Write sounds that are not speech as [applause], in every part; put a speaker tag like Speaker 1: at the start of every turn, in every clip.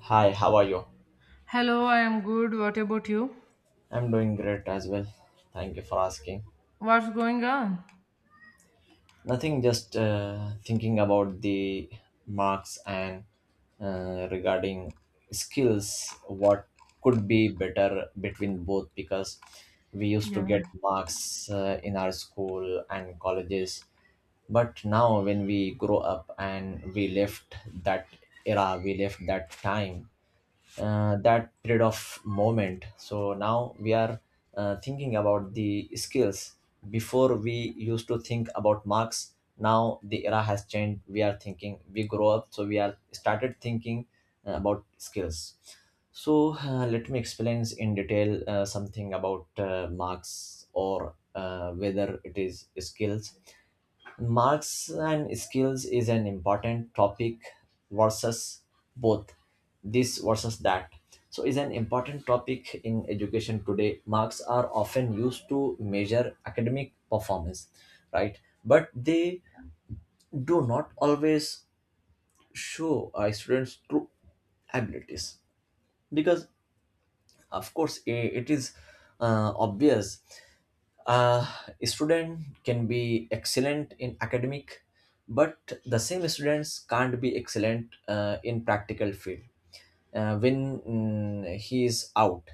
Speaker 1: Hi, how are you?
Speaker 2: Hello, I am good. What about you?
Speaker 1: I'm doing great as well. Thank you for asking.
Speaker 2: What's going on?
Speaker 1: Nothing, just thinking about the marks and regarding skills, what could be better between both because we used to
Speaker 2: Yeah.
Speaker 1: get marks in our school and colleges. But now, when we grow up and we left that era, we left that time, that period of moment, so now we are thinking about the skills. Before, we used to think about marks. Now the era has changed. We are thinking, we grow up, so we are started thinking about skills. So let me explain in detail something about marks or whether it is skills. Marks and skills is an important topic, versus, both, this versus that. So is an important topic in education today. Marks are often used to measure academic performance, right? But they do not always show a student's true abilities because, of course, it is obvious. uh, a student can be excellent in academic, but the same students can't be excellent in practical field when he is out.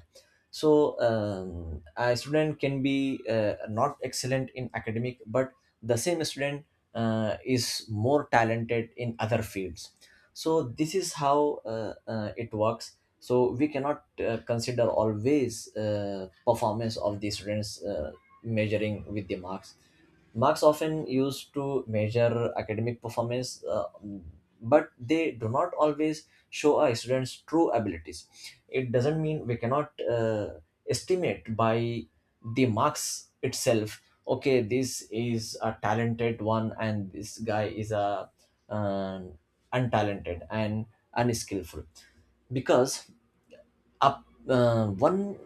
Speaker 1: So a student can be not excellent in academic, but the same student is more talented in other fields. So this is how it works, so we cannot consider always performance of the students, measuring with the marks. Marks often used to measure academic performance, but they do not always show a student's true abilities. It doesn't mean we cannot estimate by the marks itself. Okay, this is a talented one, and this guy is a um, untalented and unskillful because up one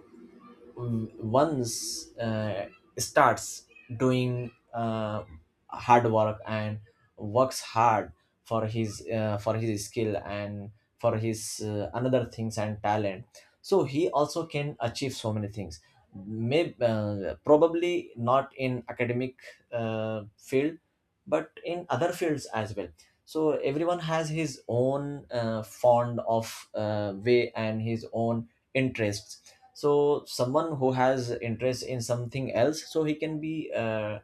Speaker 1: once starts doing hard work and works hard for his skill and for his another things and talent. So he also can achieve so many things. Maybe probably not in academic field, but in other fields as well. So everyone has his own fond of way and his own interests. So someone who has interest in something else, so he can be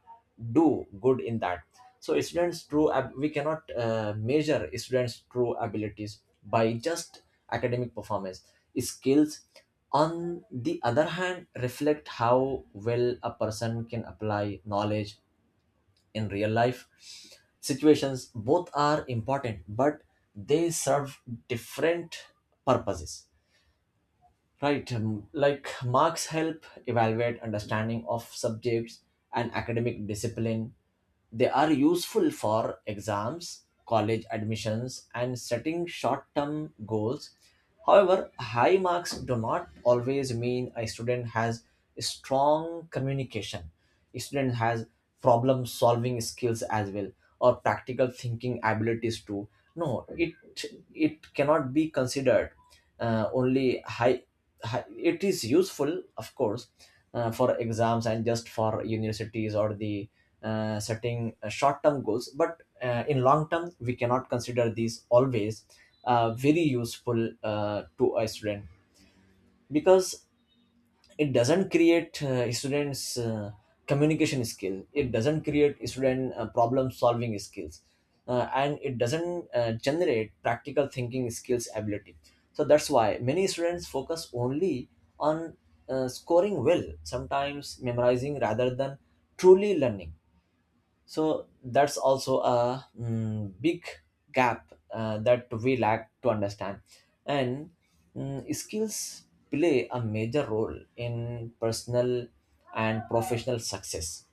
Speaker 1: do good in that. So we cannot measure students true abilities by just academic performance. Skills, on the other hand, reflect how well a person can apply knowledge in real life situations. Both are important, but they serve different purposes. Right. Like, marks help evaluate understanding of subjects and academic discipline. They are useful for exams, college admissions, and setting short term goals. However, high marks do not always mean a student has strong communication. A student has problem solving skills as well, or practical thinking abilities too. No, it cannot be considered only high hi- it is useful, of course, for exams and just for universities or the setting short-term goals, but in long term we cannot consider these always very useful to a student, because it doesn't create students communication skill, it doesn't create student problem solving skills and it doesn't generate practical thinking skills ability. So that's why many students focus only on scoring well, sometimes memorizing rather than truly learning. So that's also a big gap that we lack to understand. And skills play a major role in personal and professional success.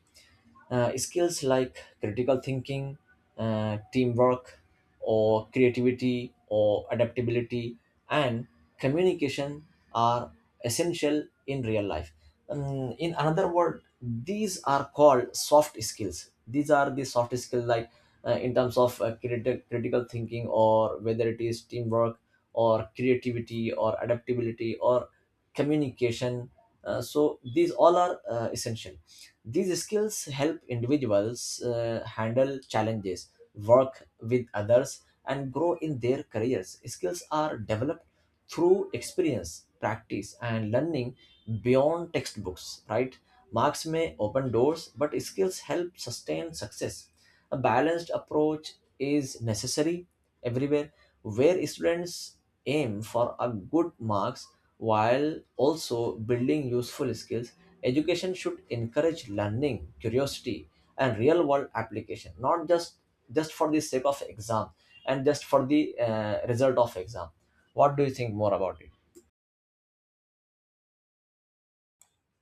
Speaker 1: Skills like critical thinking, teamwork, or creativity, or adaptability, and communication are essential in real life. In another word, these are called soft skills. These are the soft skills, like in terms of critical thinking, or whether it is teamwork, or creativity, or adaptability, or communication. So these all are essential. These skills help individuals handle challenges, work with others, and grow in their careers. Skills are developed through experience, practice, and learning beyond textbooks, right? Marks may open doors, but skills help sustain success. A balanced approach is necessary everywhere, where students aim for a good marks while also building useful skills. Education should encourage learning curiosity and real world application, not just just for the sake of exam and just for the result of exam. What do you think more about it?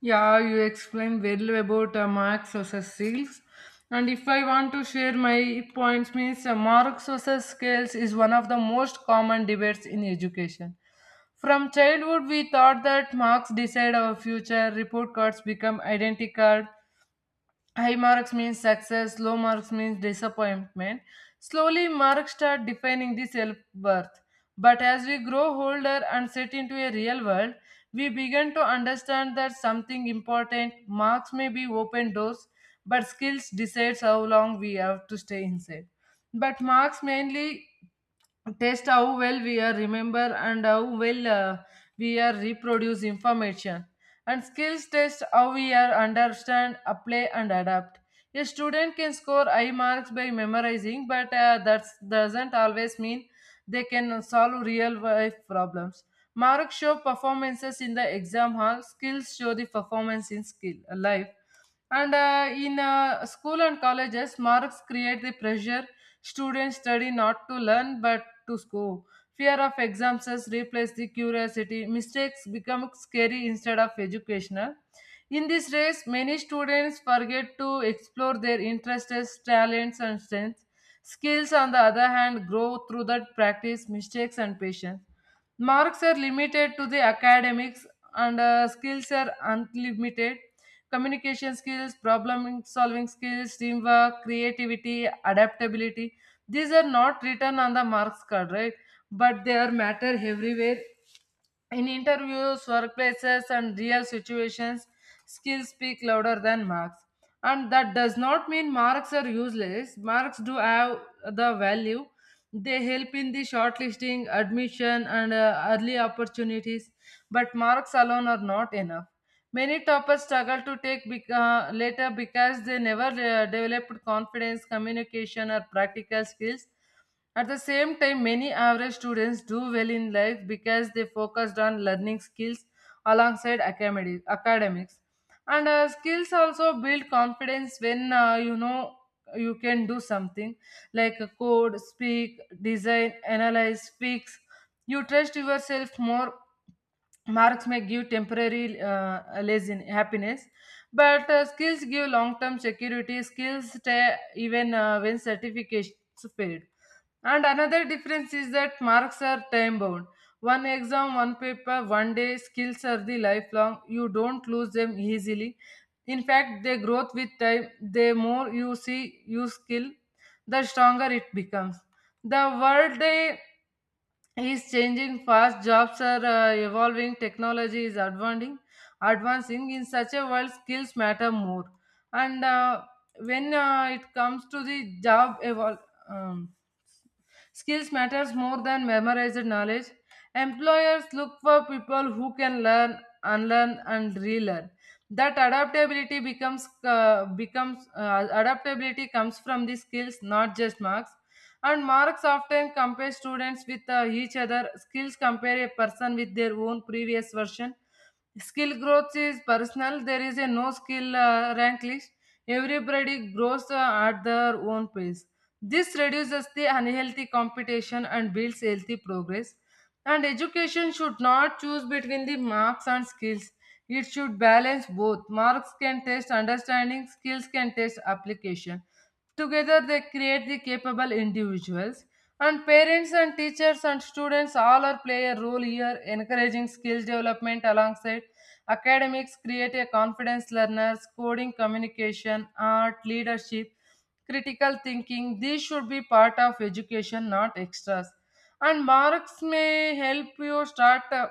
Speaker 2: Yeah, you explained well about Marx versus Seals. And if I want to share my points, means Marx versus Scales is one of the most common debates in education. From childhood, we thought that marks decide our future, report cards become identical. High marks means success, low marks means disappointment. Slowly, marks start defining the self worth. But as we grow older and set into a real world, we begin to understand that something important, marks may be open doors, but skills decides how long we have to stay inside. But marks mainly test how well we are remember and how well we are reproduce information, and skills test how we are understand apply and adapt. A student can score high marks by memorizing, but that doesn't always mean they can solve real life problems. Marks show performances in the exam hall, skills show the performance in skill life. And in school and colleges, marks create the pressure. Students study not to learn but to score. Fear of exams has replaced the curiosity. Mistakes become scary instead of educational. In this race, many students forget to explore their interests, talents, and strengths. Skills, on the other hand, grow through that practice, mistakes, and patience. Marks are limited to the academics, and skills are unlimited. Communication skills, problem solving skills, teamwork, creativity, adaptability. These are not written on the marks card, right? But they are matter everywhere, in interviews, workplaces, and real situations, skills speak louder than marks. And that does not mean marks are useless. Marks do have the value, they help in the shortlisting, admission, and early opportunities, but marks alone are not enough. Many toppers struggle to take later because they never developed confidence, communication, or practical skills. At the same time, many average students do well in life because they focused on learning skills alongside academics. And skills also build confidence when you can do something like a code, speak, design, analyze, fix. You trust yourself more. Marks may give temporary lazy happiness, but skills give long-term security. Skills stay even when certificates fade. And another difference is that marks are time bound. One exam, one paper, one day, skills are the lifelong. You don't lose them easily. In fact, they grow with time. The more you see, you skill, the stronger it becomes. The world day is changing fast. Jobs are evolving. Technology is advancing. Advancing in such a world, skills matter more. And when it comes to the job um, skills matters more than memorized knowledge. Employers look for people who can learn, unlearn, and relearn. That adaptability becomes becomes adaptability comes from the skills, not just marks. And marks often compare students with each other. Skills compare a person with their own previous version. Skill growth is personal. There is a no skill rank list. Everybody grows at their own pace. This reduces the unhealthy competition and builds healthy progress. And education should not choose between the marks and skills. It should balance both. Marks can test understanding, skills can test application. Together, they create the capable individuals. And parents and teachers and students all are play a role here, encouraging skill development alongside academics, create a confidence learners, coding, communication, art, leadership, critical thinking. These should be part of education, not extras. And marks may help you start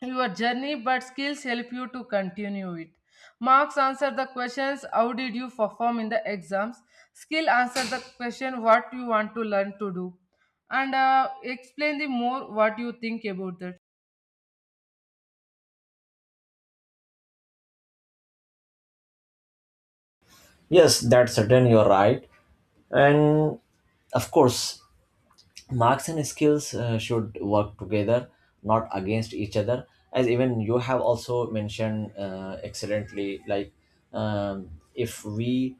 Speaker 2: your journey, but skills help you to continue it. Marks answer the questions how did you perform in the exams, skill answer the question what you want to learn to do, and explain the more what you think about that.
Speaker 1: Yes, that's certain, you're right. And of course, marks and skills should work together, not against each other, as even you have also mentioned excellently. Like, um, if we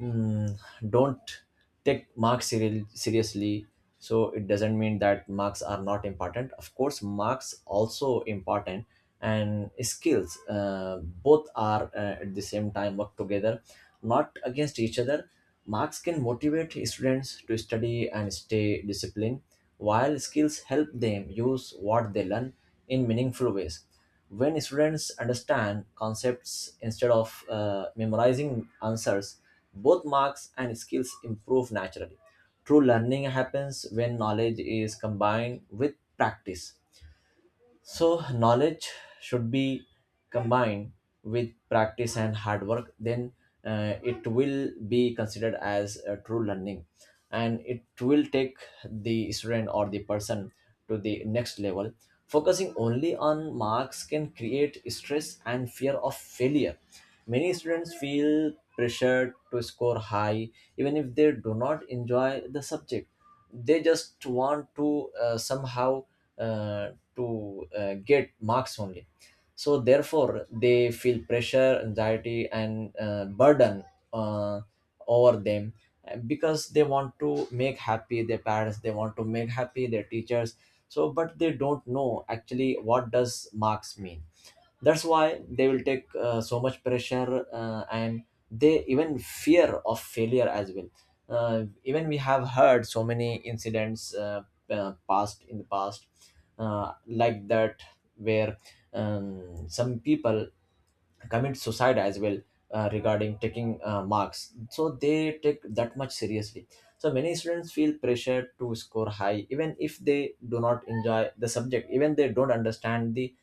Speaker 1: mm, don't take marks seriously, so it doesn't mean that marks are not important. Of course, marks also important, and skills, both are at the same time work together, not against each other. Marks can motivate students to study and stay disciplined, while skills help them use what they learn in meaningful ways. When students understand concepts instead of memorizing answers, both marks and skills improve naturally. True learning happens when knowledge is combined with practice. So, knowledge should be combined with practice and hard work, then it will be considered as a true learning, and it will take the student or the person to the next level. Focusing only on marks can create stress and fear of failure. Many students feel pressured to score high even if they do not enjoy the subject. They just want to somehow to get marks only. So therefore they feel pressure, anxiety, and burden uh, over them, because they want to make happy their parents, they want to make happy their teachers. So, but they don't know actually what does marks mean. That's why they will take so much pressure, and they even fear of failure as well. Even we have heard so many incidents, past in the past, like that, where some people commit suicide as well, regarding taking marks. So they take that much seriously. So many students feel pressure to score high even if they do not enjoy the subject, even they don't understand the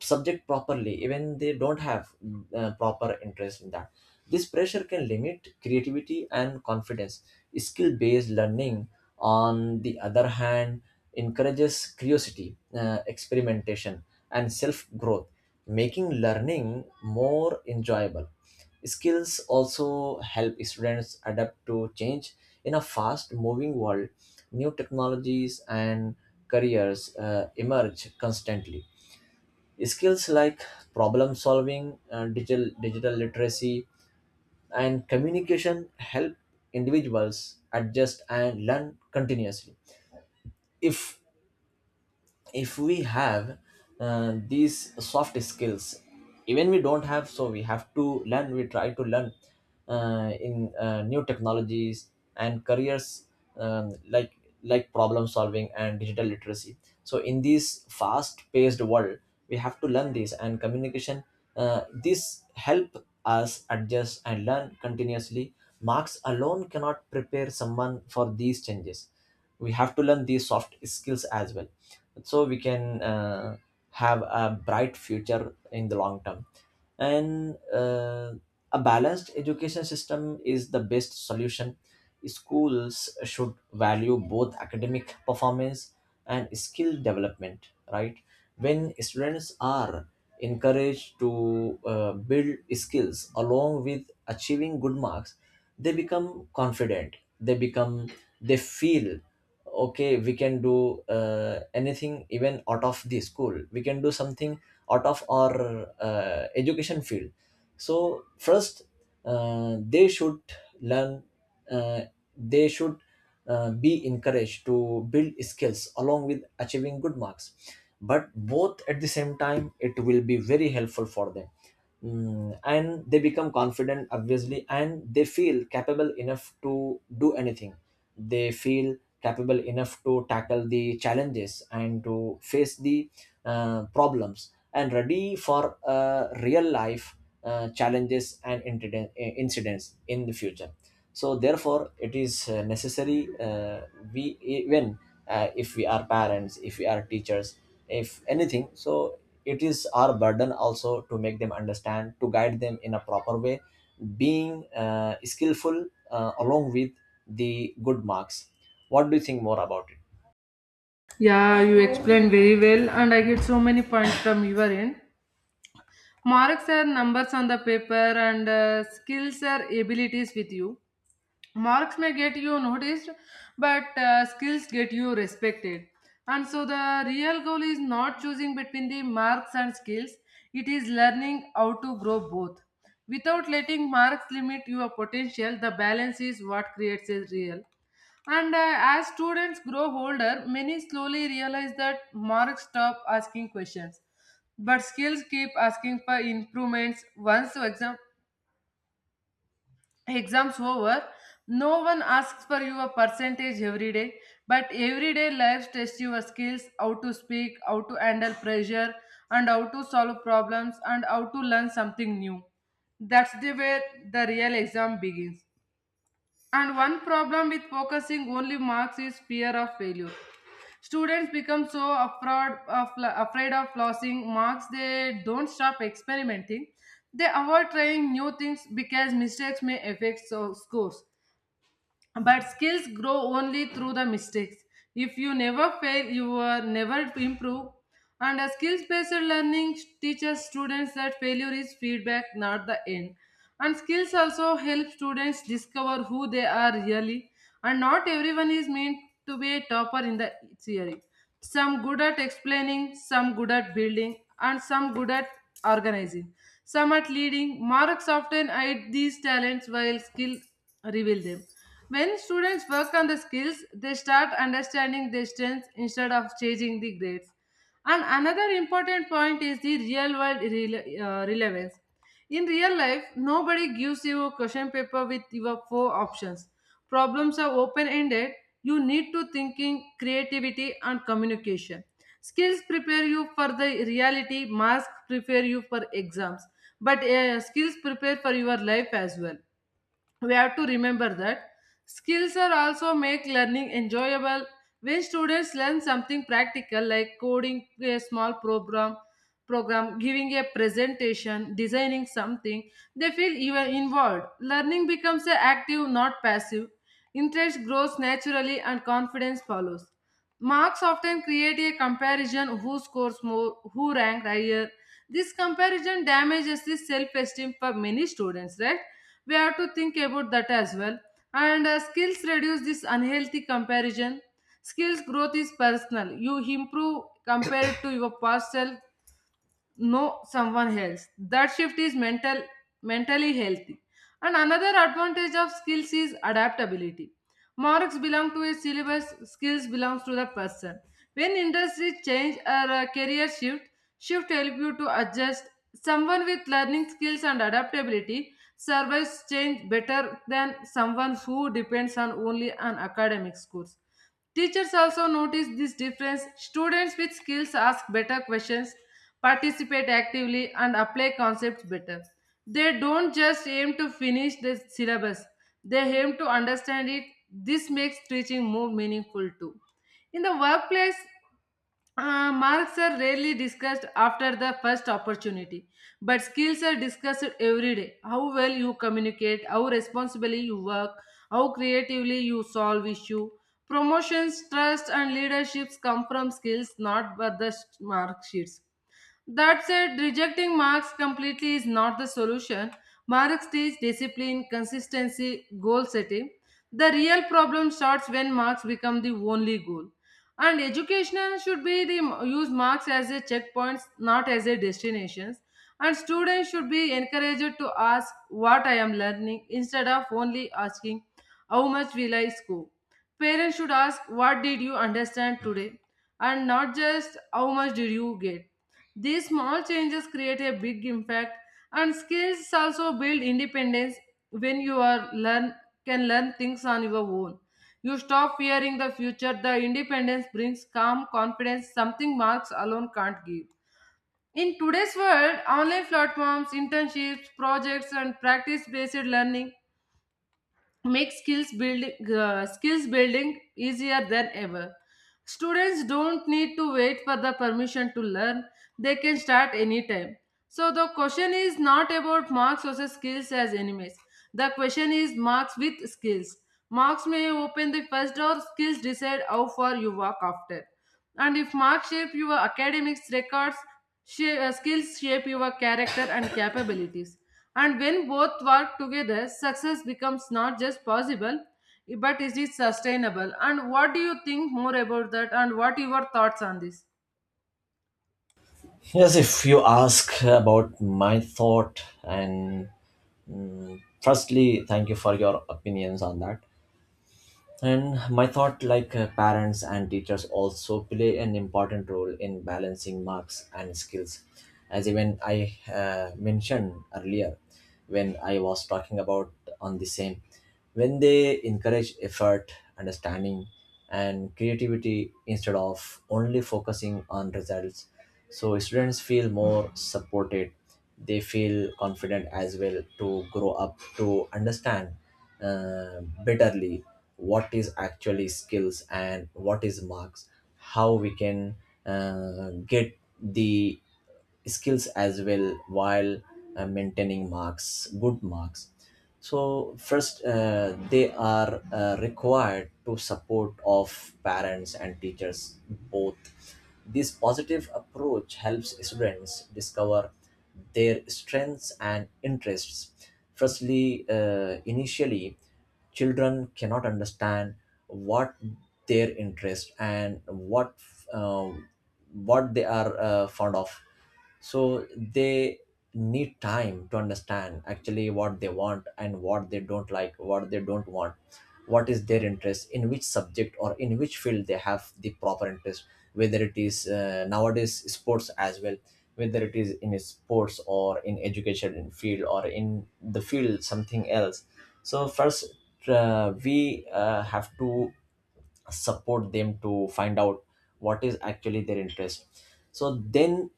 Speaker 1: subject properly, even they don't have proper interest in that. This pressure can limit creativity and confidence. Skill based learning, on the other hand, encourages curiosity, experimentation, and self growth, making learning more enjoyable. Skills also help students adapt to change in a fast moving world. New technologies and careers emerge constantly. Skills like problem solving, digital literacy, and communication help individuals adjust and learn continuously. If if we have these soft skills, even we don't have, so we have to learn, we try to learn in new technologies and careers, um, like like problem solving and digital literacy. So in this fast paced world, we have to learn this, and communication, this help us adjust and learn continuously. Marks alone cannot prepare someone for these changes. We have to learn these soft skills as well, so we can have a bright future in the long term. And a balanced education system is the best solution. Schools should value both academic performance and skill development, right? When students are encouraged to build skills along with achieving good marks, they become confident, they become, they feel okay, we can do anything even out of the school, we can do something out of our education field. So first, they should learn, uh, they should be encouraged to build skills along with achieving good marks, but both at the same time. It will be very helpful for them. And they become confident obviously, and they feel capable enough to do anything. They feel capable enough to tackle the challenges and to face the problems, and ready for real life challenges and incidents in the future. So therefore it is necessary, we even, if we are parents, if we are teachers, if anything, so it is our burden also to make them understand, to guide them in a proper way, being skillful along with the good marks. What do you think more about it?
Speaker 2: Yeah, you explained very well and I get so many points from your end. Marks are numbers on the paper and skills are abilities with you. Marks may get you noticed, but skills get you respected. And so the real goal is not choosing between the marks and skills, it is learning how to grow both without letting marks limit your potential. The balance is what creates a real. And as students grow older, many slowly realize that marks stop asking questions, but skills keep asking for improvements. Once, for example, exams over, no one asks for your percentage every day, but everyday life tests your skills, how to speak, how to handle pressure, and how to solve problems, and how to learn something new. That's the way the real exam begins. And one problem with focusing only marks is fear of failure. Students become so afraid of losing marks, they don't stop experimenting. They avoid trying new things because mistakes may affect so scores. But skills grow only through the mistakes. If you never fail, you are never improve. And a skills-based learning teaches students that failure is feedback, not the end. And skills also help students discover who they are really. And not everyone is meant to be a topper in the theory. Some good at explaining, some good at building, and some good at organizing. Some at leading. Marks often hide these talents while skill reveal them. When students work on the skills, they start understanding their strengths instead of chasing the grades. And another important point is the real world relevance. In real life, nobody gives you a question paper with your four options. Problems are open ended. You need to thinking, creativity, and communication. Skills prepare you for the reality, masks prepare you for exams, but skills prepare for your life as well. We have to remember that skills are also make learning enjoyable. When students learn something practical like coding a small program, giving a presentation, designing something, they feel even involved, learning becomes a active not passive, interest grows naturally and confidence follows. Marks often create a comparison, who scores more, who ranked higher. This comparison damages the self esteem for many students, right? We have to think about that as well. And skills reduce this unhealthy comparison. Skills growth is personal, you improve compared to your past self, know someone else. That shift is mentally healthy. And another advantage of skills is adaptability. Marks belong to a syllabus, skills belongs to the person. When industries change or a career shift help you to adjust. Someone with learning skills and adaptability survives change better than someone who depends on only an academic scores. Teachers also notice this difference. Students with skills ask better questions, participate actively, and apply concepts better. They don't just aim to finish the syllabus, they aim to understand it. This makes teaching more meaningful too. In the workplace, marks are rarely discussed after the first opportunity, but skills are discussed every day. How well you communicate, how responsibly you work, how creatively you solve issue. Promotions, trust, and leaderships come from skills, not but the mark sheets. That said, rejecting marks completely is not the solution. Marks teach discipline, consistency, goal setting. The real problem starts when marks become the only goal. And education should be the use marks as a checkpoints, not as a destinations. And students should be encouraged to ask what I am learning instead of only asking how much will I score. Parents should ask what did you understand today and not just how much did you get. These small changes create a big impact. And skills also build independence. When you are learn can learn things on your own, you stop fearing the future. The independence brings calm confidence, something marks alone can't give. In today's world, online platforms, internships, projects, and practice based learning make skills building easier than ever. Students don't need to wait for the permission to learn, they can start anytime. So the question is not about marks versus skills as enemies, the question is marks with skills. Marks may open the first door, skills decide how far you walk after. And if marks shape your academics records, skills shape your character and [coughs] capabilities. And when both work together, success becomes not just possible, but is it sustainable? And what do you think more about that? And what are your thoughts on this?
Speaker 1: Yes, if you ask about my thought, and firstly, thank you for your opinions on that. And my thought, like, parents and teachers also play an important role in balancing marks and skills. As even I mentioned earlier, when I was talking about on the same, when they encourage effort, understanding, and creativity instead of only focusing on results, so students feel more supported. They feel confident as well to grow up to understand bitterly what is actually skills and what is marks, how we can get the skills as well while maintaining marks, good marks. So first, they are required to support of parents and teachers both. This positive approach helps students discover their strengths and interests. Firstly, initially children cannot understand what their interest and uh, what they are fond of. So they need time to understand actually what they want and what they don't like, what they don't want, what is their interest, in which subject or in which field they have the proper interest, whether it is nowadays sports as well, whether it is in sports or in education in field or in the field something else. So first, we have to support them to find out what is actually their interest. So then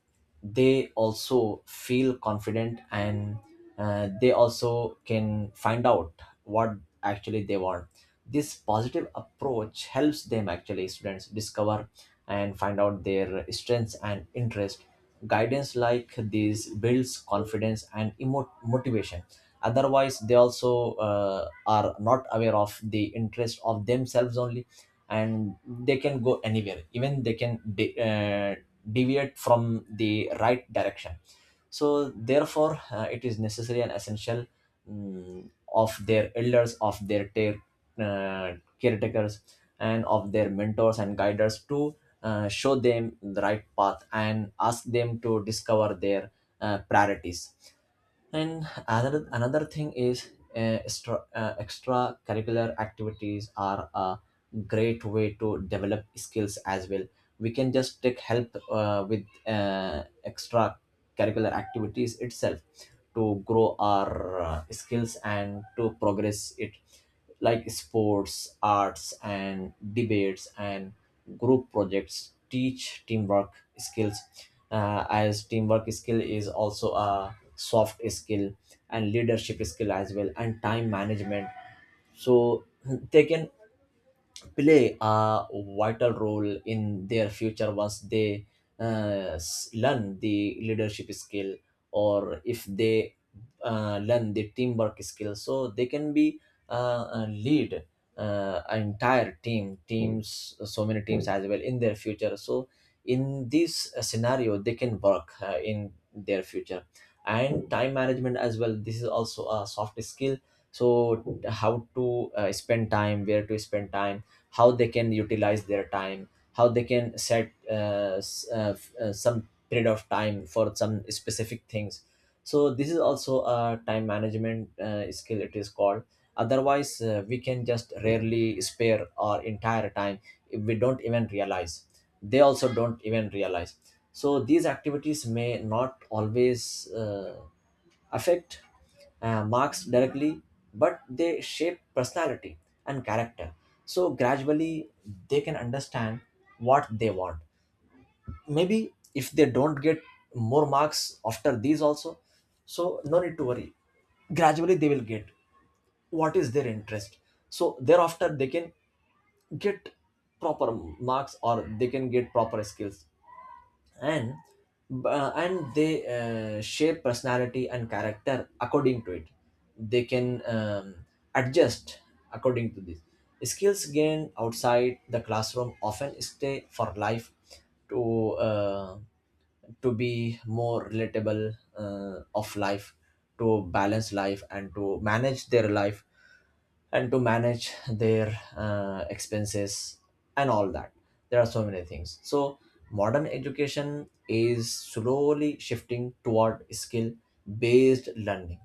Speaker 1: they also feel confident, and they also can find out what actually they want. This positive approach helps them, actually students, discover and find out their strengths and interest. Guidance like this builds confidence and motivation. Otherwise they also are not aware of the interest of themselves only, and they can go anywhere, even they can deviate from the right direction. So therefore, it is necessary and essential, of their elders, of their caretakers, and of their mentors and guiders to show them the right path and ask them to discover their priorities. And another thing is, extracurricular activities are a great way to develop skills as well. We can just take help with extracurricular activities itself to grow our skills and to progress it, like sports, arts, and debates, and group projects teach teamwork skills. As teamwork skill is also a soft skill, and leadership skill as well, and time management. So they can play a vital role in their future once they learn the leadership skill, or if they learn the teamwork skill, so they can be lead entire teams, so many teams as well, in their future. So in this scenario they can work in their future. And time management as well, this is also a soft skill. So how to spend time, where to spend time, how they can utilize their time, how they can set some period of time for some specific things. So this is also a time management skill, it is called. Otherwise, we can just rarely spare our entire time if we don't even realize, they also don't even realize. So these activities may not always affect marks directly, but they shape personality and character. So gradually, they can understand what they want. Maybe if they don't get more marks after these also, so no need to worry. Gradually, they will get what is their interest. So thereafter, they can get proper marks, or they can get proper skills, and and they shape personality and character according to it. They can adjust according to this. Skills gained outside the classroom often stay for life, to uh, to be more relatable of life, to balance life and to manage their life, and to manage their expenses and all that. There are so many things. So modern education is slowly shifting toward skill based learning.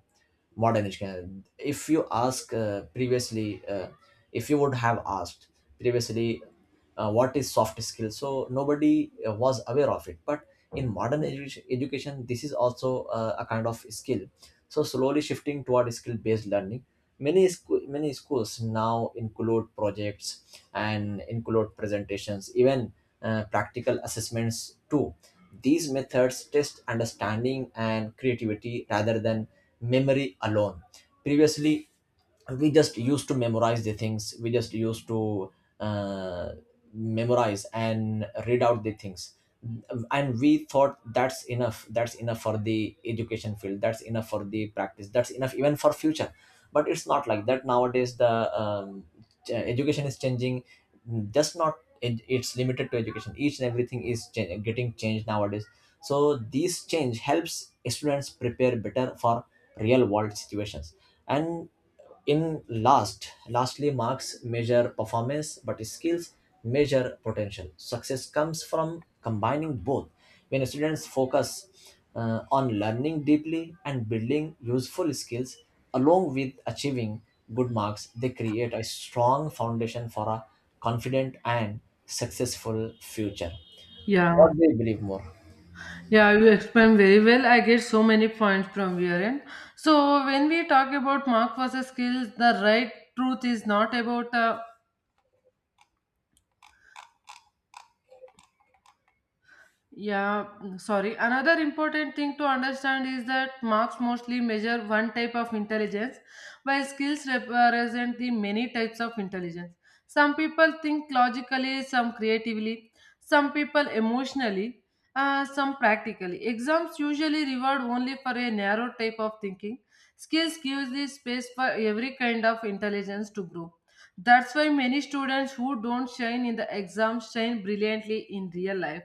Speaker 1: Modern education, if you ask previously, if you would have asked previously, what is soft skill? So nobody was aware of it. But in modern education, this is also a kind of skill, so slowly shifting toward skill-based learning. Many many schools now include projects and include presentations, even practical assessments too. These methods test understanding and creativity rather than memory alone. Previously we just used to memorize the things, we just used to uh, memorize and read out the things, and we thought that's enough, that's enough for the education field, that's enough for the practice, that's enough even for future. But it's not like that nowadays. The education is changing, just not it's limited to education, each and everything is getting changed nowadays. So this change helps students prepare better for real world situations. And in last, lastly, marks measure performance, but skills measure potential. Success comes from combining both. When students focus on learning deeply and building useful skills, along with achieving good marks, they create a strong foundation for a confident and successful future. What
Speaker 2: Yeah,
Speaker 1: do you believe more?
Speaker 2: yeah, you explain very well. I get so many points from your end. So when we talk about mark versus skills, the right truth is not about Yeah, sorry. Another important thing to understand is that marks mostly measure one type of intelligence, while skills represent the many types of intelligence. Some people think logically, some creatively, some people emotionally, some practically. Exams usually reward only for a narrow type of thinking. Skills gives the space for every kind of intelligence to grow. That's why many students who don't shine in the exams shine brilliantly in real life,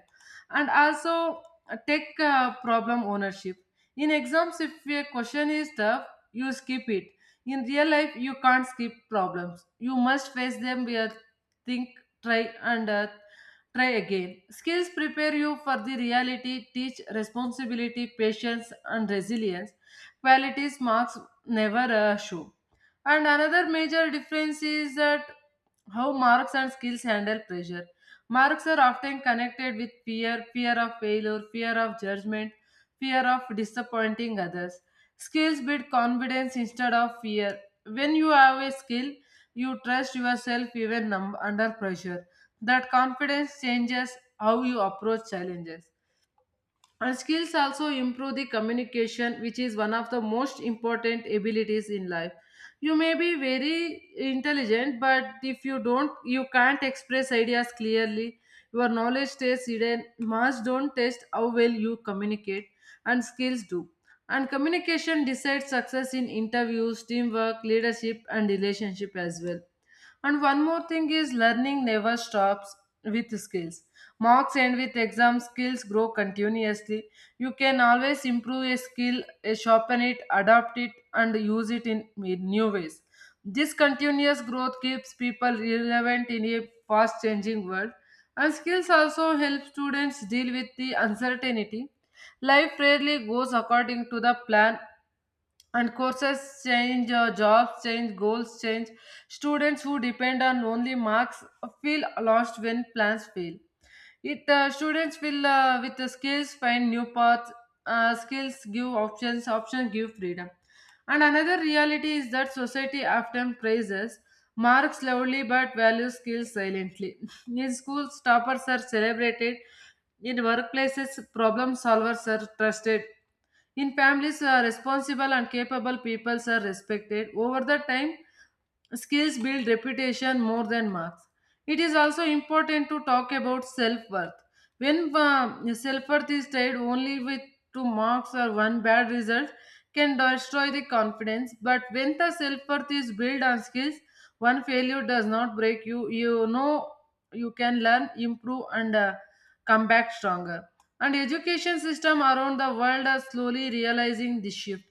Speaker 2: and also take problem ownership. In exams, if a question is tough, you skip it. In real life, you can't skip problems, you must face them with think, try, and try again. Skills prepare you for the reality, teach responsibility, patience, and resilience, qualities marks never show. And another major difference is that how marks and skills handle pressure. Marks are often connected with fear, fear of failure, fear of judgment, fear of disappointing others. Skills build confidence instead of fear. When you have a skill, you trust yourself even under pressure. That confidence changes how you approach challenges. And skills also improve the communication, which is one of the most important abilities in life. You may be very intelligent, but if you don't, you can't express ideas clearly. Your knowledge stays hidden. Marks don't test how well you communicate, and skills do. And communication decides success in interviews, teamwork, leadership, and relationship as well. And one more thing is learning never stops with skills. Marks end with exam, skills grow continuously. You can always improve a skill, sharpen it, adapt it, and use it in new ways. This continuous growth keeps people relevant in a fast changing world. And skills also help students deal with the uncertainty. Life rarely goes according to the plan, and courses change, jobs change, goals change. Students who depend on only marks feel lost when plans fail. It Students will, with the skills, find new paths. Skills give options. Options give freedom. And another reality is that society often praises marks loudly but values skills silently. [laughs] In schools, toppers are celebrated. In workplaces, problem solvers are trusted. In families, responsible and capable peoples are respected. Over the time, skills build reputation more than marks. It is also important to talk about self worth. When self worth is tied only with two marks or one bad result, can destroy the confidence. But when the self worth is built on skills, one failure does not break you. You know you can learn, improve, and come back stronger. And education system around the world are slowly realizing this shift.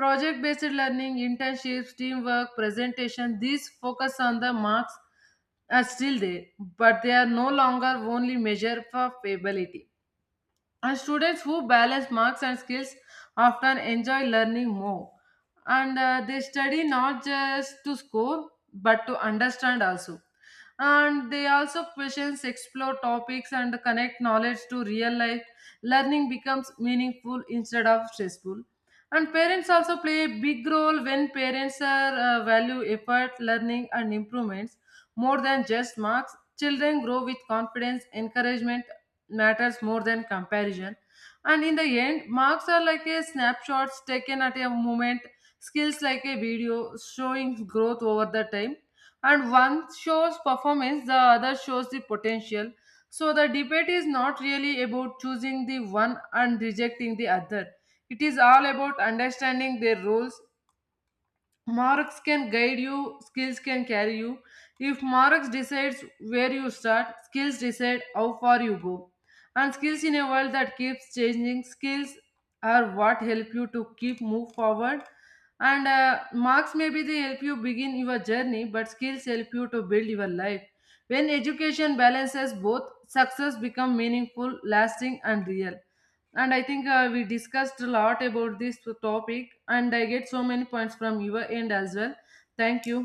Speaker 2: Project based learning, internships, teamwork, presentation, these focus on the marks are still there, but they are no longer only measure for ability. And students who balance marks and skills often enjoy learning more. And they study not just to score but to understand also. And they also questions, explore topics, and connect knowledge to real life. Learning becomes meaningful instead of stressful. And parents also play a big role. When parents are value effort, learning, and improvements more than just marks, children grow with confidence, encouragement matters more than comparison. And in the end, marks are like a snapshots taken at a moment, skills like a video showing growth over the time. And one shows performance, the other shows the potential. So the debate is not really about choosing the one and rejecting the other. It is all about understanding their roles. Marks can guide you, skills can carry you. If marks decides where you start, skills decide how far you go. And skills, in a world that keeps changing, skills are what help you to keep move forward. And marks, maybe they help you begin your journey, but skills help you to build your life. When education balances both, success become meaningful, lasting, and real. And I think we discussed a lot about this topic and I get so many points from your end as well. Thank you.